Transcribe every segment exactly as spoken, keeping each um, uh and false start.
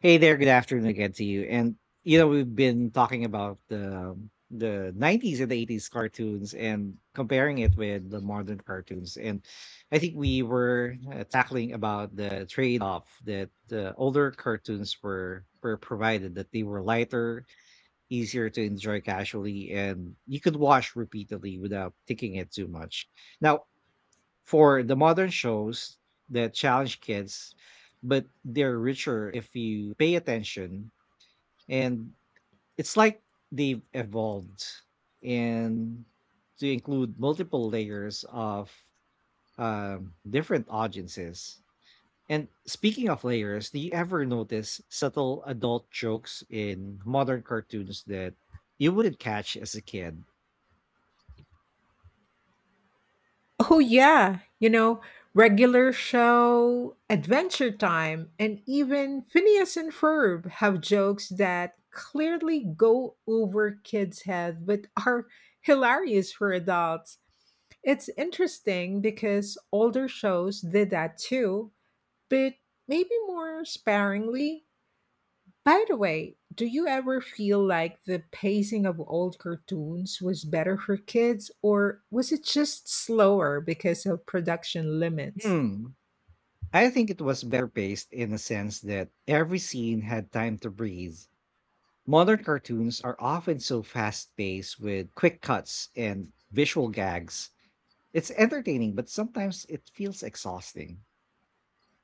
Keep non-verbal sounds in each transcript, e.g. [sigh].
Hey there, good afternoon again to you. And you know, we've been talking about the the nineties and the eighties cartoons and comparing it with the modern cartoons. And I think we were uh, tackling about the trade-off that the older cartoons were were provided that they were lighter, easier to enjoy casually, and you could watch repeatedly without thinking it too much. Now, for the modern shows that challenge kids, but they're richer if you pay attention. And it's like they've evolved and to include multiple layers of um, different audiences. And speaking of layers, do you ever notice subtle adult jokes in modern cartoons that you wouldn't catch as a kid? Oh, yeah. You know, regular show, Adventure Time, and even Phineas and Ferb have jokes that clearly go over kids' heads but are hilarious for adults. It's interesting because older shows did that too, but maybe more sparingly. By the way, do you ever feel like the pacing of old cartoons was better for kids, or was it just slower because of production limits? Hmm. I think it was better paced in the sense that every scene had time to breathe. Modern cartoons are often so fast paced with quick cuts and visual gags. It's entertaining, but sometimes it feels exhausting.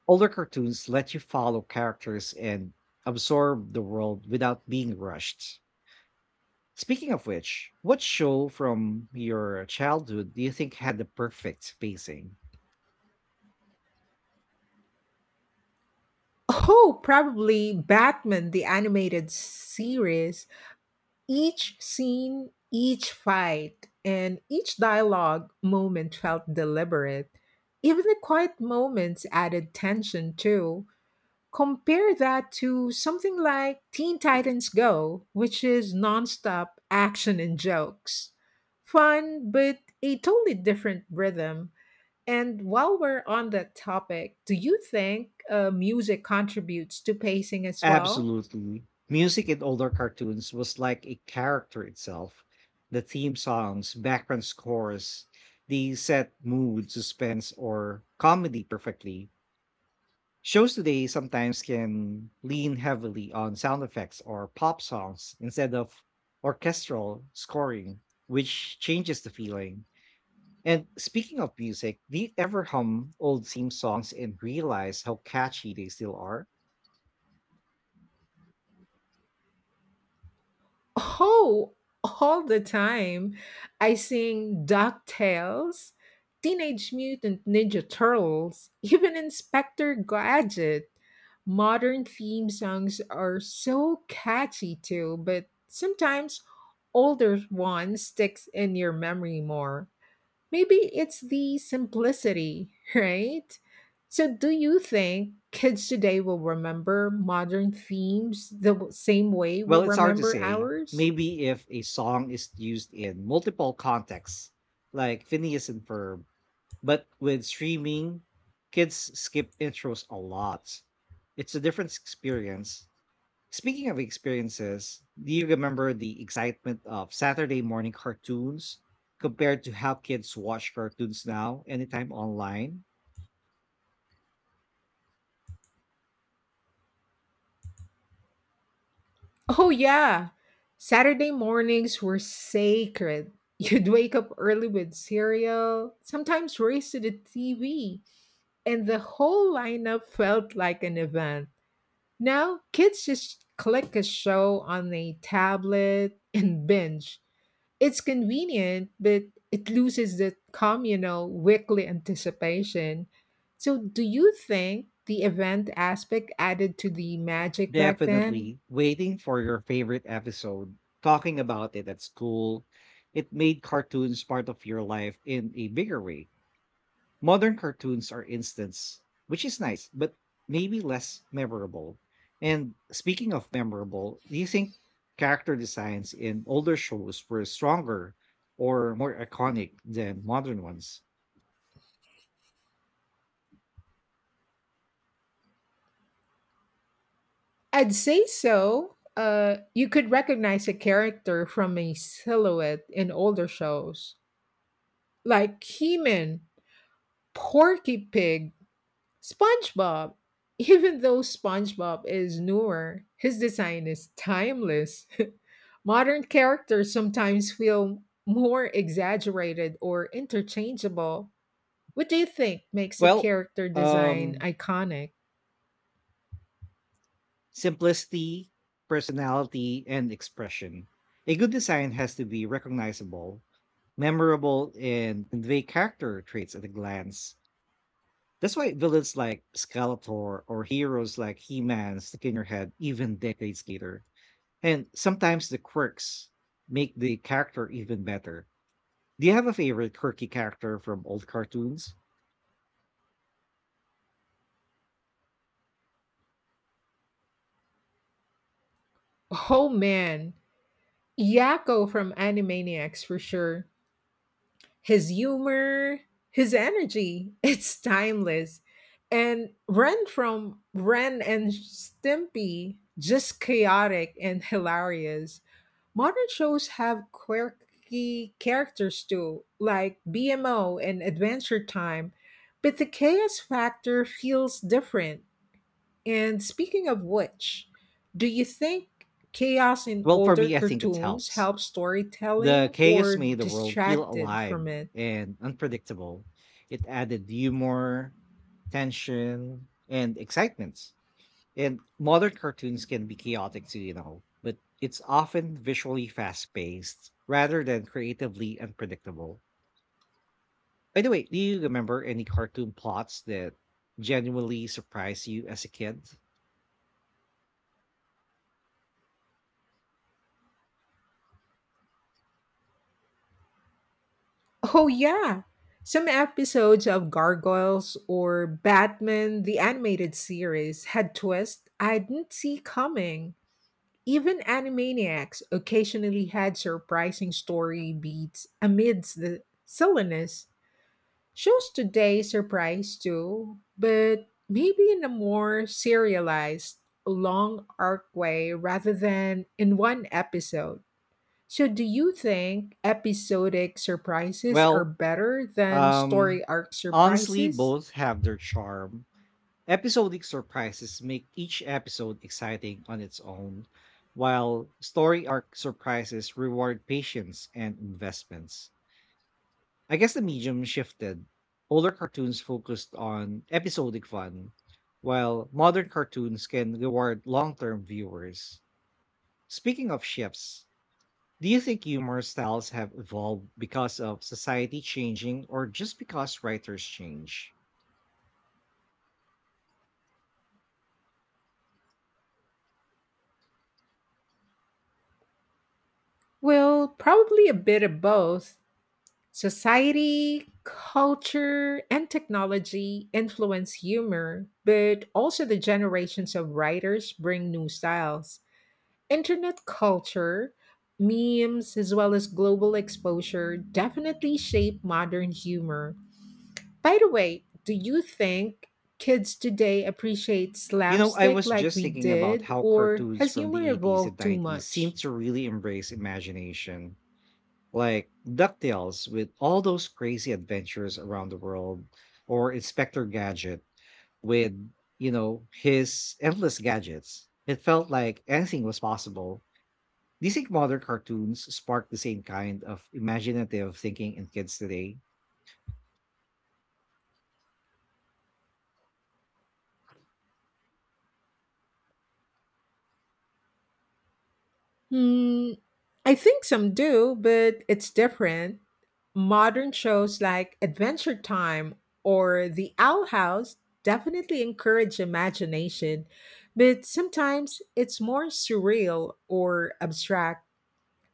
Older cartoons let you follow characters and absorb the world without being rushed. Speaking of which, what show from your childhood do you think had the perfect pacing? Oh, probably Batman the animated series. Each scene, each fight, and each dialogue moment felt deliberate. Even the quiet moments added tension too. Compare that to something like Teen Titans Go, which is nonstop action and jokes. Fun, but a totally different rhythm. And while we're on that topic, do you think uh, music contributes to pacing as well? Absolutely. Music in older cartoons was like a character itself. The theme songs, background scores, the set mood, suspense, or comedy perfectly. Shows today sometimes can lean heavily on sound effects or pop songs instead of orchestral scoring, which changes the feeling. And speaking of music, do you ever hum old theme songs and realize how catchy they still are? Oh, all the time. I sing DuckTales, Teenage Mutant Ninja Turtles, even Inspector Gadget. Modern theme songs are so catchy too, but sometimes older one sticks in your memory more. Maybe it's the simplicity, [laughs] right? So, do you think kids today will remember modern themes the w- same way we Well, it's hard to remember say. ours? Maybe if a song is used in multiple contexts, like Phineas and Ferb. But with streaming, kids skip intros a lot. It's a different experience. Speaking of experiences, do you remember the excitement of Saturday morning cartoons compared to how kids watch cartoons now anytime online? Oh, yeah. Saturday mornings were sacred. [laughs] You'd wake up early with cereal, sometimes race to the T V, and the whole lineup felt like an event. Now, kids just click a show on a tablet and binge. It's convenient, but it loses the communal weekly anticipation. So, do you think the event aspect added to the magic back then? Definitely waiting for your favorite episode, talking about it at school. It made cartoons part of your life in a bigger way. Modern cartoons are instants, which is nice, but maybe less memorable. And speaking of memorable, do you think character designs in older shows were stronger or more iconic than modern ones? I'd say so. Uh, you could recognize a character from a silhouette in older shows, like He-Man, Porky Pig, SpongeBob. [laughs] Even though SpongeBob is newer, his design is timeless. [laughs] Modern characters sometimes feel more exaggerated or interchangeable. What do you think makes a Well, character design um, iconic? Simplicity, personality, and expression. A good design has to be recognizable, memorable, and convey character traits at a glance. That's why villains like Skeletor or heroes like He-Man stick in your head even decades later. And sometimes the quirks make the character even better. Do you have a favorite quirky character from old cartoons? Oh man, Yakko from Animaniacs for sure. His humor, his energy, [laughs] it's timeless. And Ren from Ren and Stimpy, just chaotic and hilarious. Modern shows have quirky characters too, like B M O and Adventure Time, but the chaos factor feels different. And speaking of which, do you think chaos in Well, for older me, I think it cartoons helps. helps The storytelling chaos or made the world feel distracted alive from it? and unpredictable. It added humor, tension, and excitement. And modern cartoons can be chaotic too, you know, but it's often visually fast paced rather than creatively unpredictable. By the way, do you remember any cartoon plots that genuinely surprised you as a kid? Oh, yeah. Some episodes of Gargoyles or Batman the Animated Series had twists I didn't see coming. Even Animaniacs occasionally had surprising story beats amidst the silliness. Shows today surprise too, but maybe in a more serialized, long arc way rather than in one episode. So, do you think episodic surprises are Well, better than um, story arc Honestly, surprises? both have their charm. Episodic surprises make each episode exciting on its own, while story arc surprises reward patience and investments. I guess the medium shifted. Older cartoons focused on episodic fun, while modern cartoons can reward long term viewers. Speaking of shifts, do you think humor styles have evolved because of society changing or just because writers change? Well, probably a bit of both. Society, culture, and technology influence humor, but also the generations of writers bring new styles. Internet culture, memes, as well as global exposure definitely shape modern humor. By the way, do you think kids today appreciate You know, I slapstick was like just we thinking about did, how or cartoons has from humor the eighties and evolved too nineties seem much? to really embrace imagination. Like DuckTales with all those crazy adventures around the world, or Inspector Gadget with, you know, his endless gadgets. It felt like anything was possible. Do you think modern cartoons spark the same kind of imaginative thinking in kids today? Hmm, I think some do, but it's different. Modern shows like Adventure Time or The Owl House definitely encourage imagination, but sometimes it's more surreal or abstract.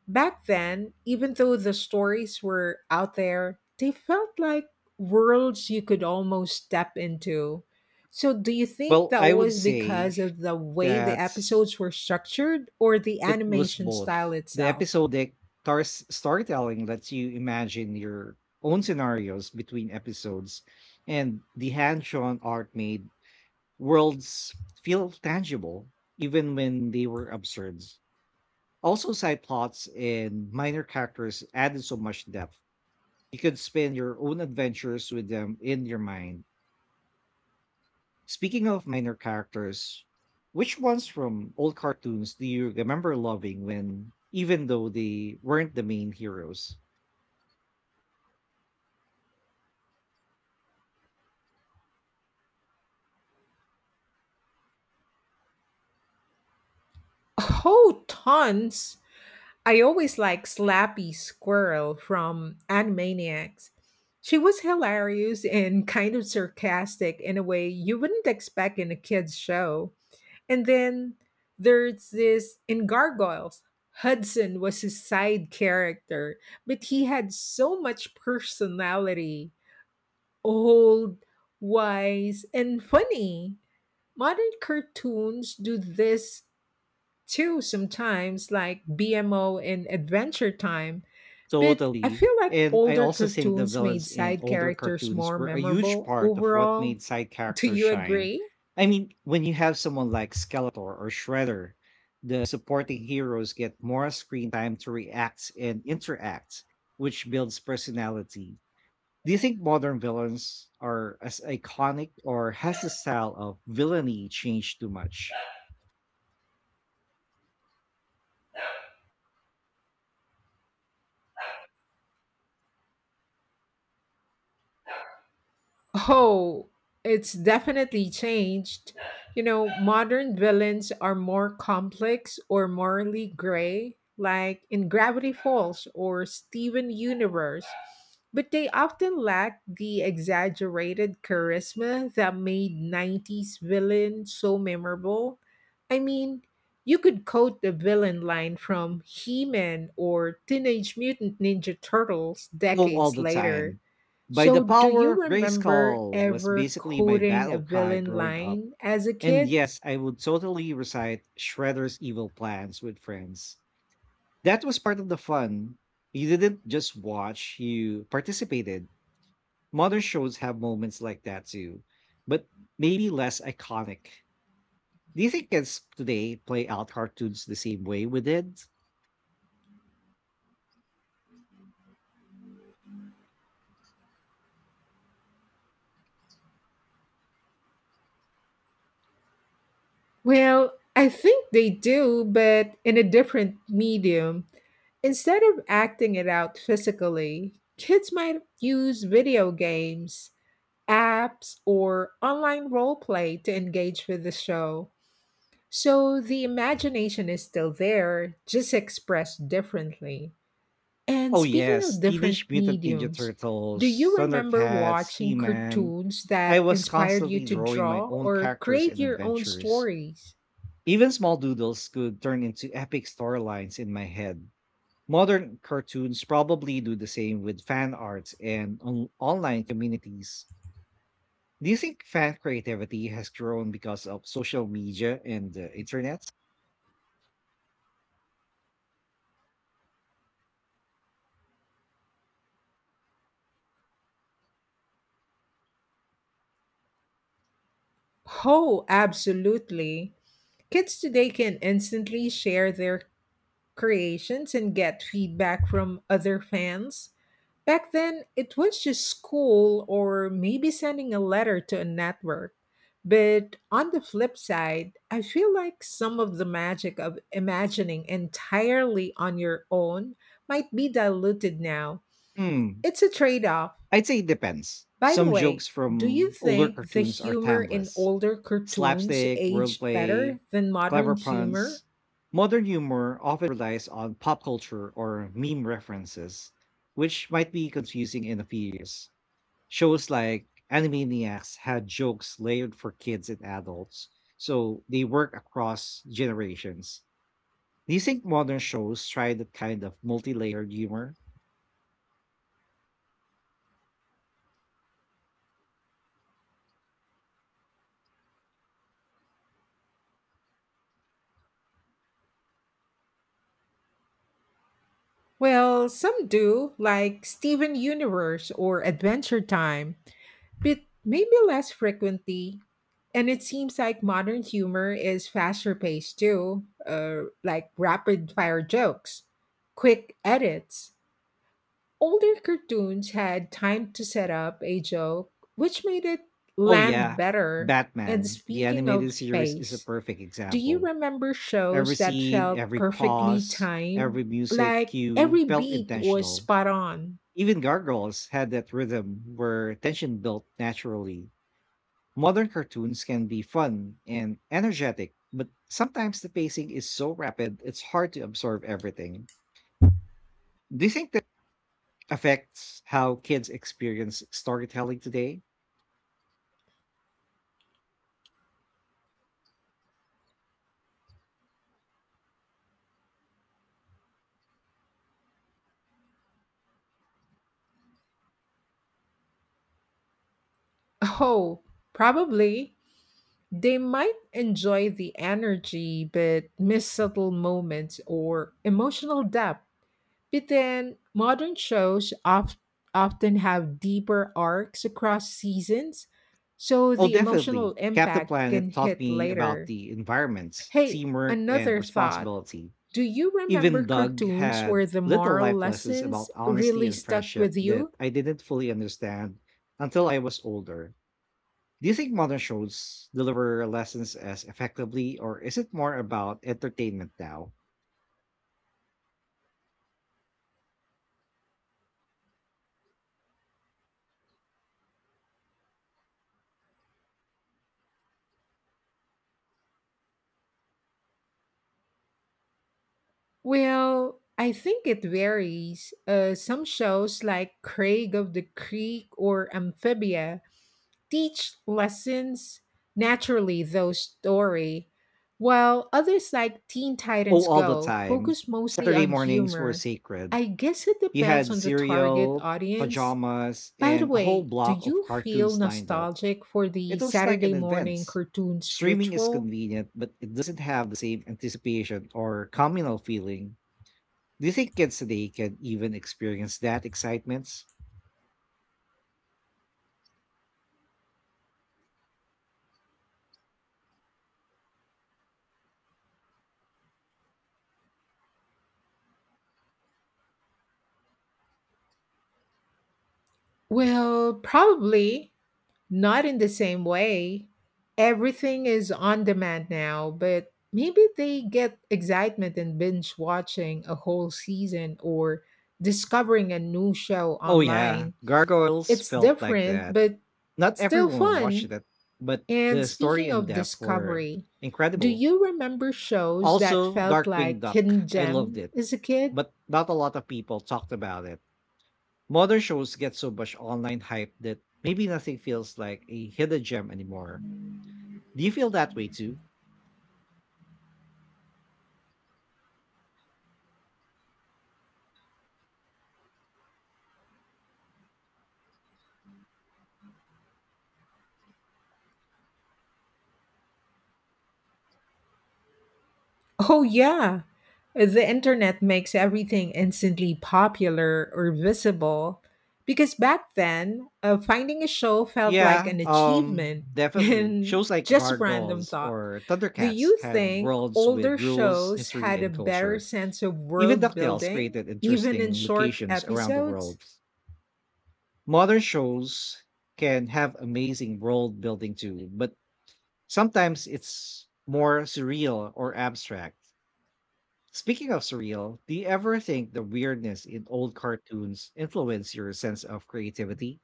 Back then, even though the stories were out there, they felt like worlds you could almost step into. So, do you think Well, that I would was say because of the way the that episodes were structured or the it was animation style both. The itself? episodic tar- storytelling lets you imagine your own scenarios between episodes, and the hand-drawn art made worlds feel tangible even when they were absurd. Also, side plots and minor characters added so much depth. You could spin your own adventures with them in your mind. Speaking of minor characters, which ones from old cartoons do you remember loving when, even though they weren't the main heroes? Oh, tons! I always liked Slappy Squirrel from Animaniacs. She was hilarious and kind of sarcastic in a way you wouldn't expect in a kids' show. And then there's this in Gargoyles. Hudson was his side character, but he had so much personality, old, wise, and funny. Modern cartoons do this too sometimes, like B M O and Adventure Time. But I Totally. feel like And I older also think the cartoons made villains in side older characters cartoons more were a huge memorable part of what overall. made side [laughs] Do characters you shine. agree? I mean, when you have someone like Skeletor or Shredder, the supporting heroes get more screen time to react and interact, which builds personality. Do you think modern villains are as iconic or has the style of villainy changed too much? Oh, it's definitely changed. You know, modern villains are more complex or morally gray, like in Gravity Falls or Steven Universe, but they often lack the exaggerated charisma that made nineties villains so memorable. I mean, you could quote the villain line from He Man or Teenage Mutant Ninja Turtles Oh, all decades the later. time. By the So, do power you of remember Grayskull was ever basically my quoting a battle cry villain growing up. line as a And kid? yes, I would totally recite Shredder's evil plans with friends. That was part of the fun. You didn't just watch, you participated. Modern shows have moments like that too, but maybe less iconic. Do you think kids today play out cartoons the same way we did? Well, I think they do, but in a different medium. Instead of acting it out physically, kids might use video games, apps, or online role play to engage with the show. So the imagination is still there, just expressed differently. And Oh, speaking yes. of different Teenage Mutant Ninja mediums, Turtles, do you remember Thundercats, He watching Man. cartoons I that was inspired you constantly to drawing my draw own or characters create and your own adventures. stories? Even small doodles could turn into epic storylines in my head. Modern cartoons probably do the same with fan arts and on- online communities. Do you think fan creativity has grown because of social media and the internet? Oh, absolutely. Kids today can instantly share their creations and get feedback from other fans. Back then, it was just school or maybe sending a letter to a network. But on the flip side, I feel like some of the magic of imagining entirely on your own might be diluted now. Hmm, It's a trade off. I'd say it depends. By the Some jokes way, do you from older think the cartoons are humor in timeless. older cartoons Slapstick, aged better wordplay, than clever modern humor? puns. Modern humor often relies on pop culture or meme references, which might be confusing in a few years. Shows like Animaniacs had jokes layered for kids and adults, so they work across generations. Do you think modern shows try that kind of multi-layered humor? Well, some do, like Steven Universe or Adventure Time, but maybe less frequently. And it seems like modern humor is faster paced too, uh, like rapid fire jokes, quick edits. Older cartoons had time to set up a joke, which made it Oh land yeah, better. And Batman, the speaking of animated series is a pace, perfect do you example. remember Every shows that scene, felt every perfectly pause, timed? every music Like cue every felt beat was intentional. spot on? Even Gargoyles had that rhythm where tension built naturally. Modern cartoons can be fun and energetic, but sometimes the pacing is so rapid it's hard to absorb everything. Do you think that affects how kids experience storytelling today? [laughs] Oh, probably. They might enjoy the energy, but miss subtle moments or emotional depth. But then, modern shows of- often have deeper arcs across seasons, so Oh, the emotional definitely. Captain impact Planet can taught hit me about later. the environment, Hey, teamwork, and another thought. responsibility. Do you remember Even Doug cartoons had where the little moral life lessons lessons about honesty really and stuck friendship with that you? I didn't fully understand until I was older. Do you think modern shows deliver lessons as effectively, or is it more about entertainment now? Well, I think it varies. Uh, some shows like Craig of the Creek or Amphibia teach lessons naturally, though story, while others like Teen Oh, Titans all the Go time. focus mostly Saturday on mornings were humor. sacred. I guess it You depends had on the target cereal, audience. pajamas, By the and a whole way, do block of you feel cartoons lined up. nostalgic for the It was like an Saturday morning advance. cartoons Streaming is ritual? convenient, but it doesn't have the same anticipation or communal feeling. Do you think kids today can even experience that excitements? Well, probably not in the same way. Everything is on demand now, but maybe they get excitement in binge watching a whole season or discovering a new show Oh yeah, online. Gargoyles It's felt like different, that. but Not still everyone watched fun. it, but And the story speaking and of depth were discovery, do incredible. you remember shows that Also, felt Darkwing like Duck, hidden I loved gem it, as a kid? but not a lot of people talked about it. Modern shows get so much online hype that maybe nothing feels like a hidden gem anymore. Do you feel that way too? Oh yeah. The internet makes everything instantly popular or visible because back then, uh, finding a show felt like Yeah, an um, achievement [laughs] Definitely. and Shows like just random Gargoyles thought. or Do Thundercats you had think worlds with older rules, shows history, had a and better culture. sense of Even world DuckTales building created even in interesting short locations around the episodes? world. Modern shows can have amazing world building too, but sometimes it's more surreal or abstract. Speaking of surreal, do you ever think the weirdness in old cartoons influence your sense of creativity?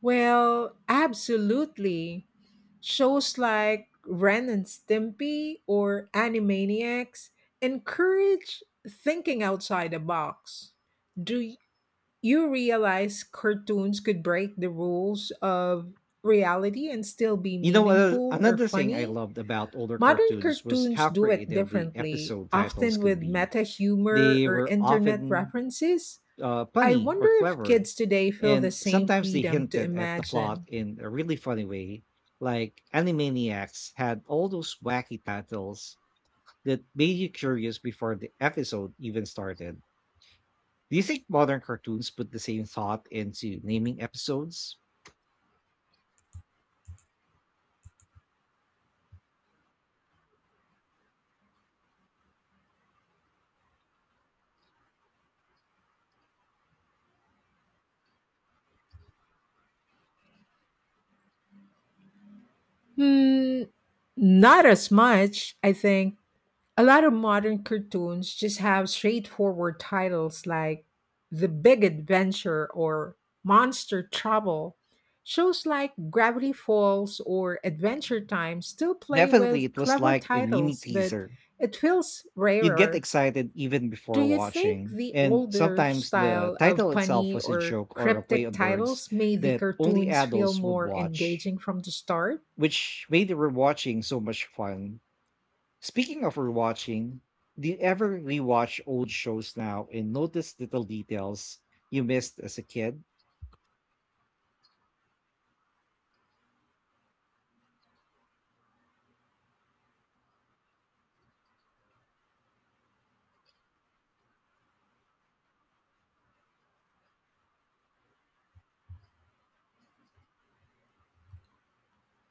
Well, absolutely. Shows like Ren and Stimpy or Animaniacs encourage thinking outside the box. Do y- you realize cartoons could break the rules of reality and still be You know, uh, meaningful or Another thing I funny? loved about older Modern cartoons was cartoons how do it creative the differently, episode titles often could with be. meta humor They or were internet often references. uh, I punny or wonder if clever, kids today feel the and same sometimes they freedom to hinted at the plot imagine. in a really funny way. Like Animaniacs had all those wacky titles that made you curious before the episode even started. Do you think modern cartoons put the same thought into naming episodes? Hmm, not as much, I think. A lot of modern cartoons just have straightforward titles like The Big Adventure or Monster Trouble. Shows like Gravity Falls or Adventure Time still play Definitely, with it was clever like a mini titles, but teaser. it feels You'd get rarer. excited even Do before you think watching, the and older sometimes the style of title itself punny was a or joke or a play cryptic on words titles made the that only cartoons feel adults would more watch, engaging from the start? which made the rewatching so much fun. Speaking of rewatching, do you ever rewatch old shows now and notice little details you missed as a kid?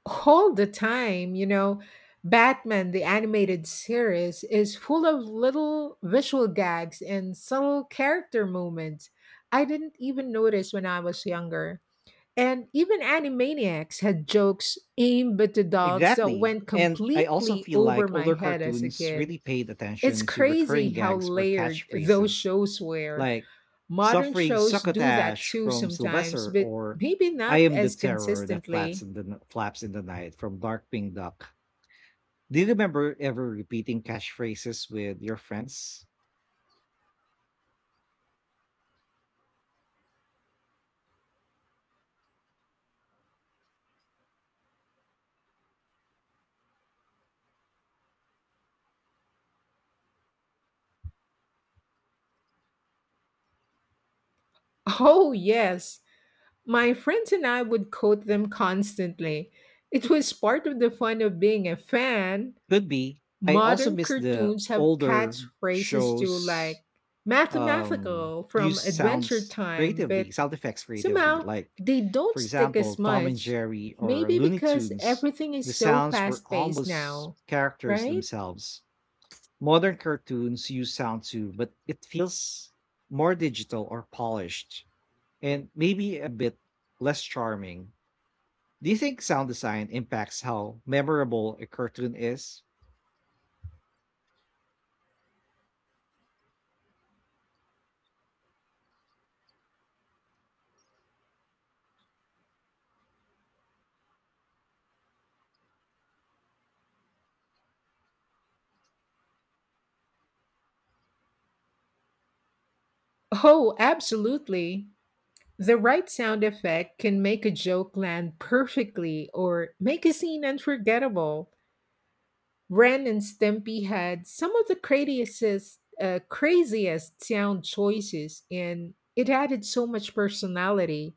All the time, you know, Batman, the animated series, is full of little visual gags and subtle character moments I didn't even notice when I was younger. And even Animaniacs had jokes aimed at adults that Exactly. went And I also completely feel over like my older head as a cartoons kid. really paid It's attention to crazy recurring how gags or layered those catchphrases shows were. like Modern suffering shows do that succotash too from sometimes, Sylvester, but or maybe I not am the as terror that flaps consistently. in [laughs] the n- flaps in the night from Darkwing Duck. Do you remember ever repeating catchphrases with your friends? Oh, yes. My friends and I would quote them constantly. It was part of the fun of being a fan. Could be. I also Modern miss the cartoons have older catchphrases too, shows like um mathematical from use Adventure sounds Time, creatively, but sound effects creatively. somehow Like they don't for stick example, as Tom and much. Jerry or Maybe Looney because Tunes, everything is the so sounds were fast paced almost now, characters right? themselves. Modern cartoons use sound too, but it feels more digital or polished and maybe a bit less charming. Do you think sound design impacts how memorable a cartoon is? Oh, absolutely. The right sound effect can make a joke land perfectly or make a scene unforgettable. Ren and Stimpy had some of the craziest, uh, craziest sound choices, and it added so much personality.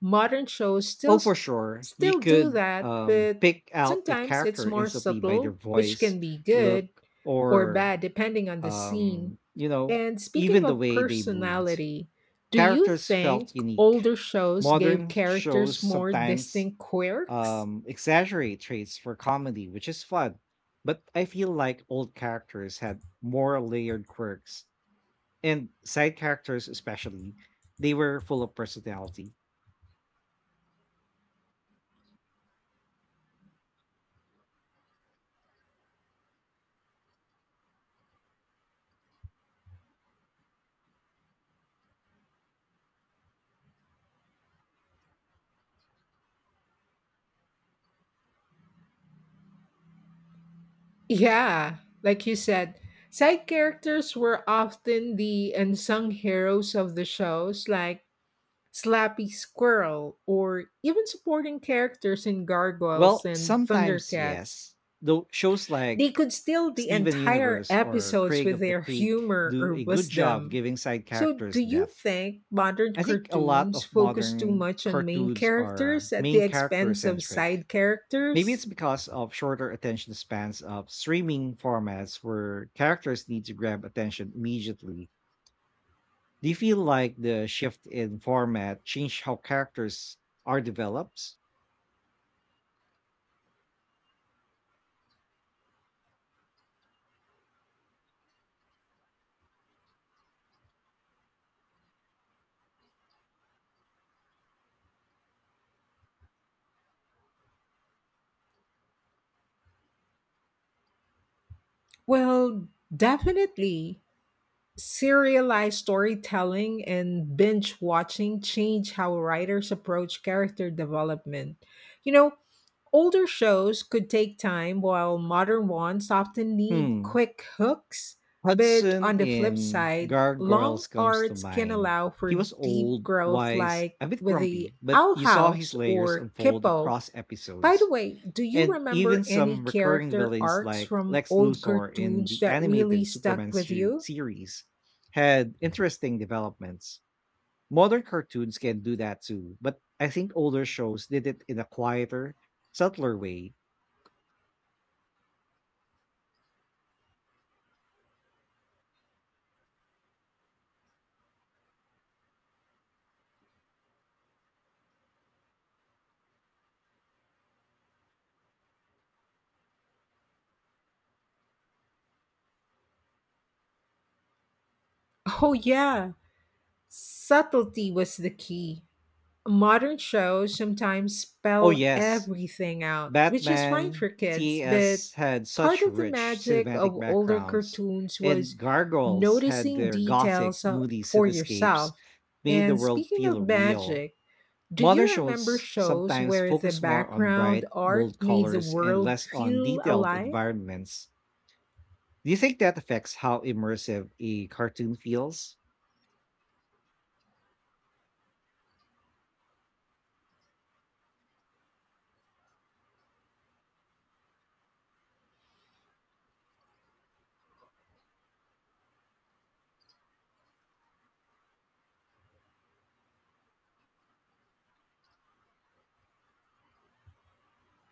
Modern shows Oh, still for sure. You still do could that, um, but pick out a sometimes it's character more instantly by their subtle, which voice, can be good look, or or, bad depending on the scene. um, you know, And speaking even the of way they moved. personality, do you Characters felt think unique. older shows gave Modern shows characters more sometimes distinct quirks? um exaggerate traits for comedy, which is fun. But I feel like old characters had more layered quirks, and side characters especially, they were full of personality. Yeah, like you said, side characters were often the unsung heroes of the shows, like Slappy Squirrel, or even supporting characters in Gargoyles Well, and sometimes Thundercats. yes, though shows like They could steal the Steven entire Universe or episodes Craig with of the their Creek humor do or a good job wisdom. giving side So, do characters you depth. think modern I think a lot cartoons of focus too modern much on main cartoons are characters at the main character expense of centric. side Maybe characters? it's because of shorter attention spans of streaming formats where characters need to grab attention immediately. Do you feel like the shift in format changed how characters are developed? Well, definitely. Serialized storytelling and binge watching change how writers approach character development. You know, older shows could take time, while modern ones often need Hmm. quick hooks. But Hudson on the flip in side, long Gargoyles comes to arcs can mind. allow He for was deep old, growth, wise, like a bit with the grumpy, but Owl you saw his House layers or unfold Kippo. across By the episodes. way, do you And remember even any some recurring character villains arcs like from Lex old Luthor in cartoons the that really animated Superman stuck with se- you? series had interesting developments. Modern cartoons can do that too, but I think older shows did it in a quieter, subtler way. Oh, yeah. Subtlety was the key. Modern shows sometimes Oh, spell yes, everything out, which is fine Batman, for kids, but T A S had part such of the rich magic cinematic of older backgrounds, cartoons and was Gargoyles had noticing their gothic, details uh, moody for cityscapes yourself. made the And world speaking of feel real. magic, do Modern you remember shows shows sometimes where the focus more on background bright, art bold made the colors and world less on feel detailed alive? environments. Do you think that affects how immersive a cartoon feels?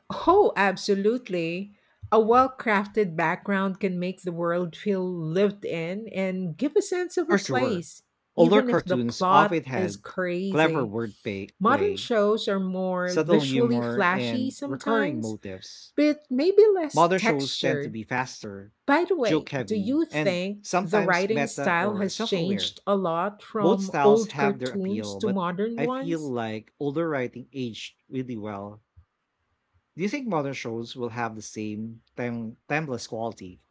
Oh, absolutely. A well crafted background can make the world feel lived in and give a sense of a For sure. place, Older even if the cartoons plot often is had c- clever crazy. wordplay, Modern play, shows are more subtle visually humor, flashy and recurring sometimes, motifs. but maybe less Modern shows tend to textured. be faster, By the joke way, do heavy, you and think the sometimes writing meta style or has self aware. changed a lot Both from styles old have their cartoons appeal, to but modern I feel ones? like older writing aged really well. Do you think modern shows will have the same time- timeless quality?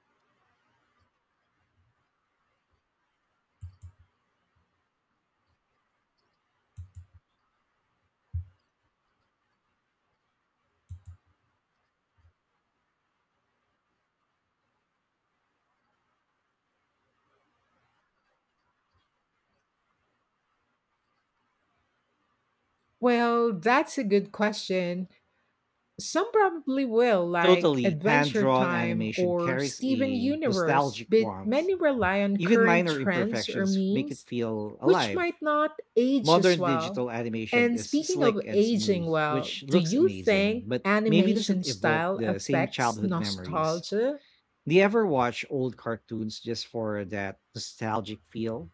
Well, that's a good question. Some probably will, like Totally hand Adventure drawn Time animation or carries Steven a Universe, nostalgic but warmth. many rely on Even current minor trends or imperfections make it memes, feel which alive. might not age as Modern well. digital animation And is speaking slick of and aging smooth, well, which do looks you amazing, think but maybe animation doesn't evoke style the same affects childhood memories. nostalgia? Do you ever watch old cartoons just for that nostalgic feel?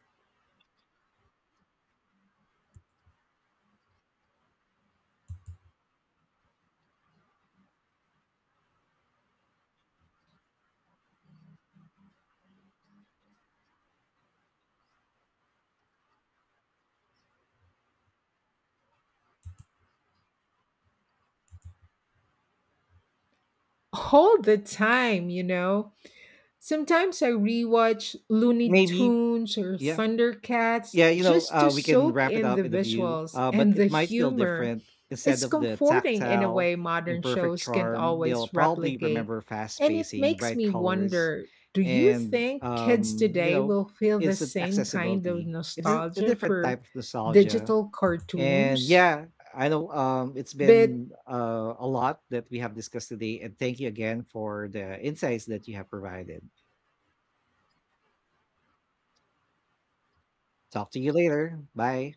All the time, you know? Sometimes I rewatch Looney Maybe, Tunes or yeah. Thundercats Yeah, you know, just to uh, we can soak wrap it in the up in a view, visuals uh, and but the it might feel humor. different. Instead It's of the comforting in a tactile, way modern imperfect shows can't charm, they'll always probably replicate. remember fast And it pacing, makes bright me colors, wonder, do you and think kids um, you today know, will feel the instant same kind of accessibility. It's a, a nostalgia different for type of nostalgia. digital And cartoons? yeah, I know um, it's But been uh, a lot that we have discussed today. And thank you again for the insights that you have provided. Talk to you later. Bye.